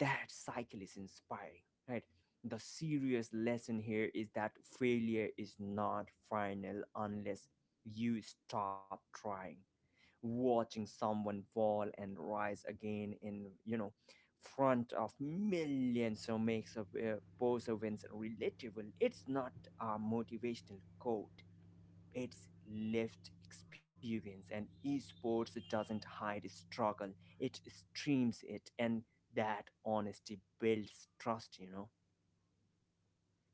That cycle is inspiring, right? The serious lesson here is that failure is not final unless you stop trying. Watching someone fall and rise again in, you know, front of millions so makes a uh, pose wins relatable. It's not a motivational quote, it's lived experience, and esports doesn't hide struggle, it streams it. And that honesty builds trust, you know.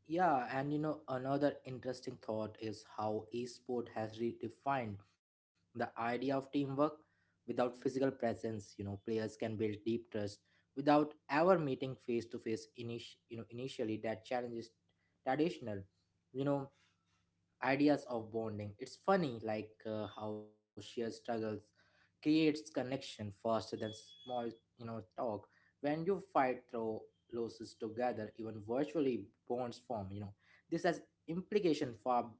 Yeah, and you know, another interesting thought is how esport has redefined the idea of teamwork without physical presence. You know, players can build deep trust without ever meeting face to face. Init- you know, initially that challenge is traditional, you know, ideas of bonding. It's funny, like uh, how shared struggles creates connection faster than small, you know, talk. When you fight through losses together, even virtually bonds form. You know, this has implication far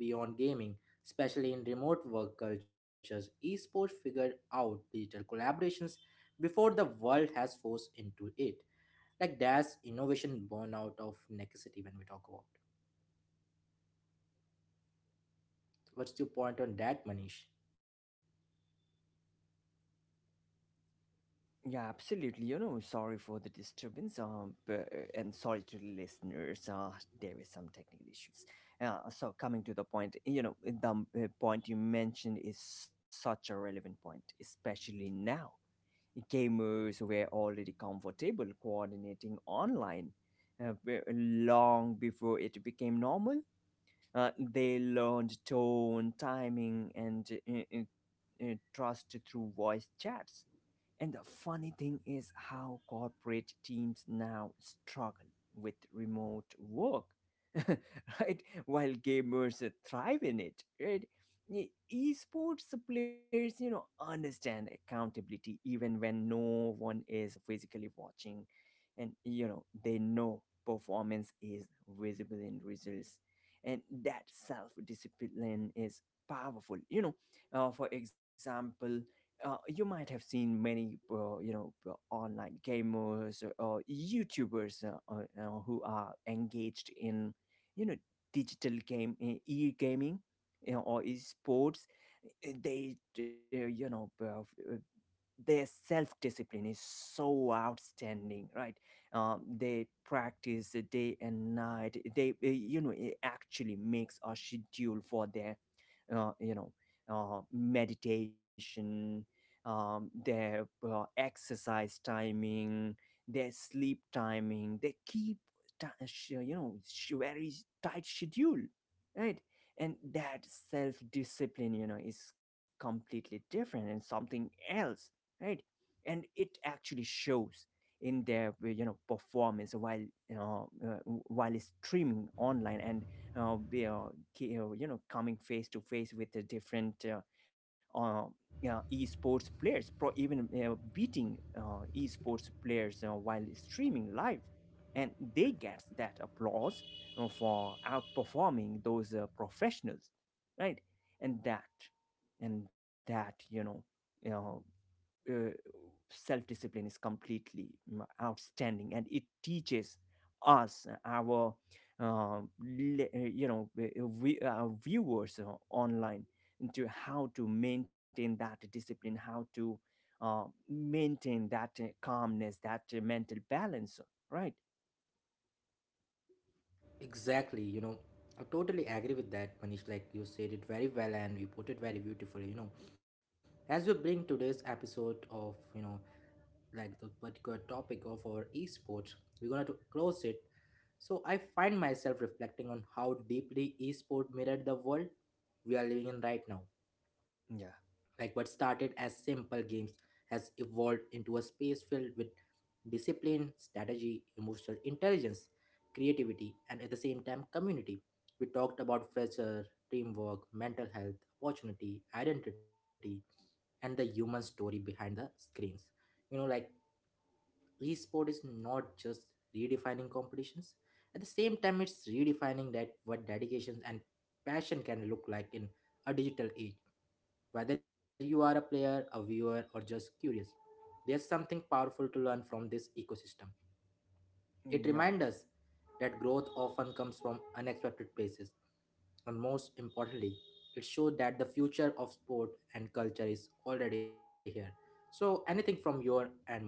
beyond gaming, especially in remote work cultures. Esports figured out digital collaborations before the world has forced into it. Like that's innovation born out of necessity when we talk about. What's your point on that, Manish? Yeah, absolutely. You know, sorry for the disturbance. Um, b- and sorry to the listeners. Uh, there were some technical issues. Uh, so coming to the point, you know, the um, uh, point you mentioned is such a relevant point, especially now. Gamers were already comfortable coordinating online uh, b- long before it became normal. Uh, they learned tone, timing, and uh, uh, uh, trust through voice chats. And the funny thing is how corporate teams now struggle with remote work, right? While gamers uh, thrive in it, right? E- Esports players, you know, understand accountability even when no one is physically watching. And, you know, they know performance is visible in results. And that self discipline is powerful. You know, uh, for example, uh, you might have seen many uh, you know uh, online gamers or youtubers uh, uh, you know, who are engaged in, you know, digital game e gaming, you know, or esports. Uh, they, uh, you know uh, their self discipline is so outstanding, right? Um, they practice uh, day and night. They, uh, you know it actually makes a schedule for their, uh, you know uh, meditation, um, their uh, exercise timing, their sleep timing. They keep ti- sh- you know, sh- very tight schedule, right? And that self discipline, you know, is completely different and something else, right? And it actually shows in their uh, you know performance while, you know uh, while streaming online. And uh, be, uh, ki- uh, you know, coming face to face with the different uh, uh, yeah, esports players pro, even uh, beating uh, esports players uh, while streaming live, and they get that applause uh, for outperforming those uh, professionals, right? and that and that, you know, you know self discipline is completely mm, outstanding, and it teaches us uh, our uh, le- uh, you know uh, we, our viewers uh, online to how to maintain that discipline, how to uh, maintain that uh, calmness, that uh, mental balance, right? Exactly, you know, I totally agree with that, Manish. Like you said it very well and you put it very beautifully, you know. As we bring today's episode of, you know, like the particular topic of our esports, we're gonna to close it. So I find myself reflecting on how deeply esport mirrored the world we are living in right now. Yeah. Like what started as simple games has evolved into a space filled with discipline, strategy, emotional intelligence, creativity, and at the same time, community. We talked about pressure, teamwork, mental health, opportunity, identity, and the human story behind the screens. You know, like esport is not just redefining competitions, at the same time, it's redefining that what dedication and passion can look like in a digital age. Whether you are a player, a viewer, or just curious, there's something powerful to learn from this ecosystem. It Yeah. reminds us that growth often comes from unexpected places, and most importantly, it shows that the future of sport and culture is already here. So, anything from your and Manish?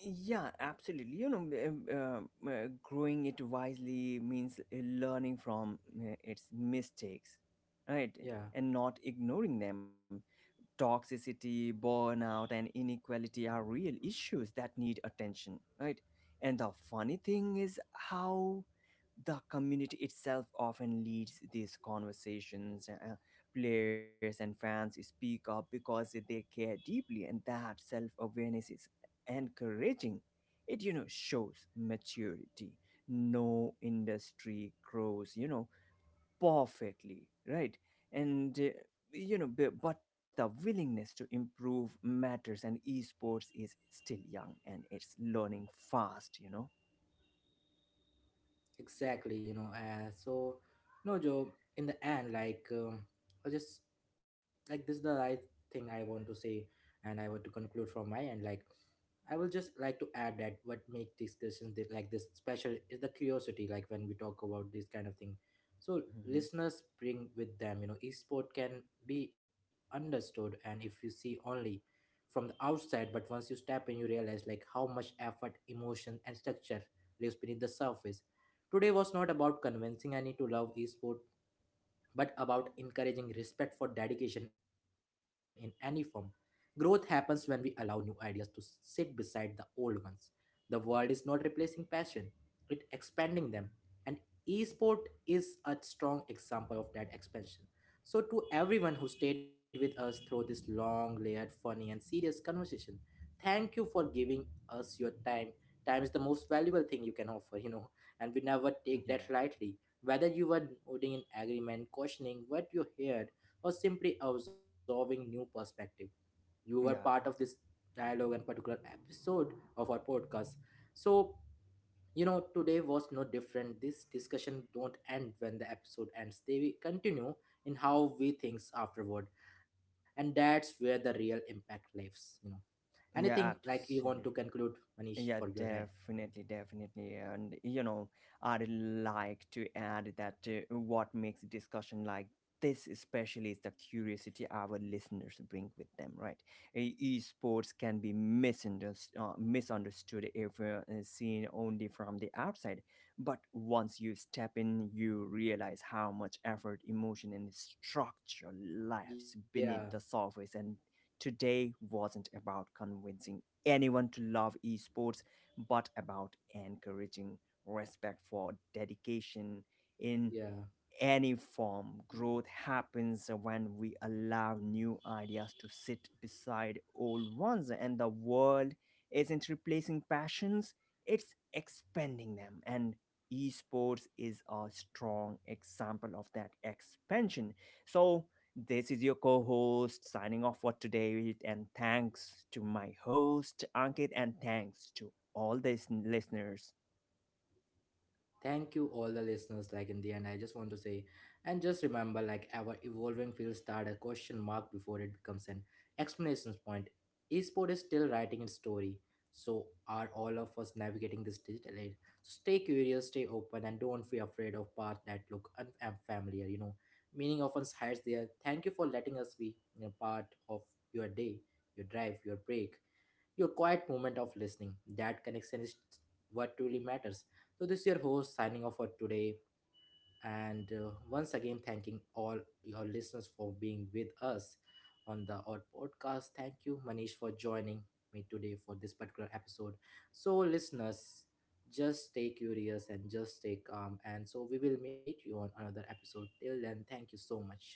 Yeah, absolutely. You know, um, um, uh, growing it wisely means uh, learning from uh, its mistakes, right? Yeah. And not ignoring them. Toxicity, burnout, and inequality are real issues that need attention, right? And the funny thing is how the community itself often leads these conversations. Uh, uh, players and fans speak up because they care deeply, and that self awareness is encouraging. It, you know, shows maturity. No industry grows, you know, perfectly, right? and uh, You know, bu- but the willingness to improve matters, and esports is still young and it's learning fast, you know. Exactly, you know. Uh, so, no, Joe. In the end, like, um, I just like this is the right thing I want to say, and I want to conclude from my end. Like, I will just like to add that what make discussions thi- like this special is the curiosity. Like when we talk about this kind of thing, so Hmm. listeners bring with them. You know, esport can be understood, and if you see only from the outside, but once you step in, you realize like how much effort, emotion, and structure lives beneath the surface. Today was not about convincing any to love esport, but about encouraging respect for dedication in any form. Growth happens when we allow new ideas to sit beside the old ones. The world is not replacing passion, it expanding them. And esport is a strong example of that expansion. So to everyone who stayed with us through this long, layered, funny and serious conversation, thank you for giving us your time. Time is the most valuable thing you can offer, you know, and we never take that Yeah. lightly whether you were nodding in agreement, questioning what you heard, or simply absorbing new perspective, you were part of Yeah. this dialogue and particular episode of our podcast. So, you know, today was no different. This discussion don't end when the episode ends, they continue in how we think afterward, and that's where the real impact lives, you know. Yeah, Anything like you want absolutely. to conclude, Yeah, Manish, for your end? definitely, definitely. And, you know, I'd like to add that uh, what makes discussion like this especially is the curiosity our listeners bring with them, right? E- Esports can be misunderstood, uh, misunderstood if uh, seen only from the outside. But once you step in, you realize how much effort, emotion, and structure lives Yeah, beneath the surface. And today wasn't about convincing anyone to love esports, but about encouraging respect for dedication in yeah, any form. Growth happens when we allow new ideas to sit beside old ones, and the world isn't replacing passions, it's expanding them. And esports is a strong example of that expansion. So, this is your co host signing off for today, and thanks to my host, Ankit, and thanks to all these listeners. thank you, all the listeners. Like in the end, I just want to say, and just remember, like our evolving field start a question mark before it becomes an explanation point. Esport is still writing its story, so are all of us navigating this digital age. So stay curious, stay open, and don't be afraid of paths that look un- unfamiliar. You know, meaning often hides there. Thank you for letting us be a part of your day, your drive, your break, your quiet moment of listening. That connection is what truly matters. So, this is your host signing off for today. And uh, once again, thanking all your listeners for being with us on the Odd Podcast. Thank you, Manish, for joining me today for this particular episode. So, listeners, just stay curious and just stay calm. And so, we will meet you on another episode. Till then, thank you so much.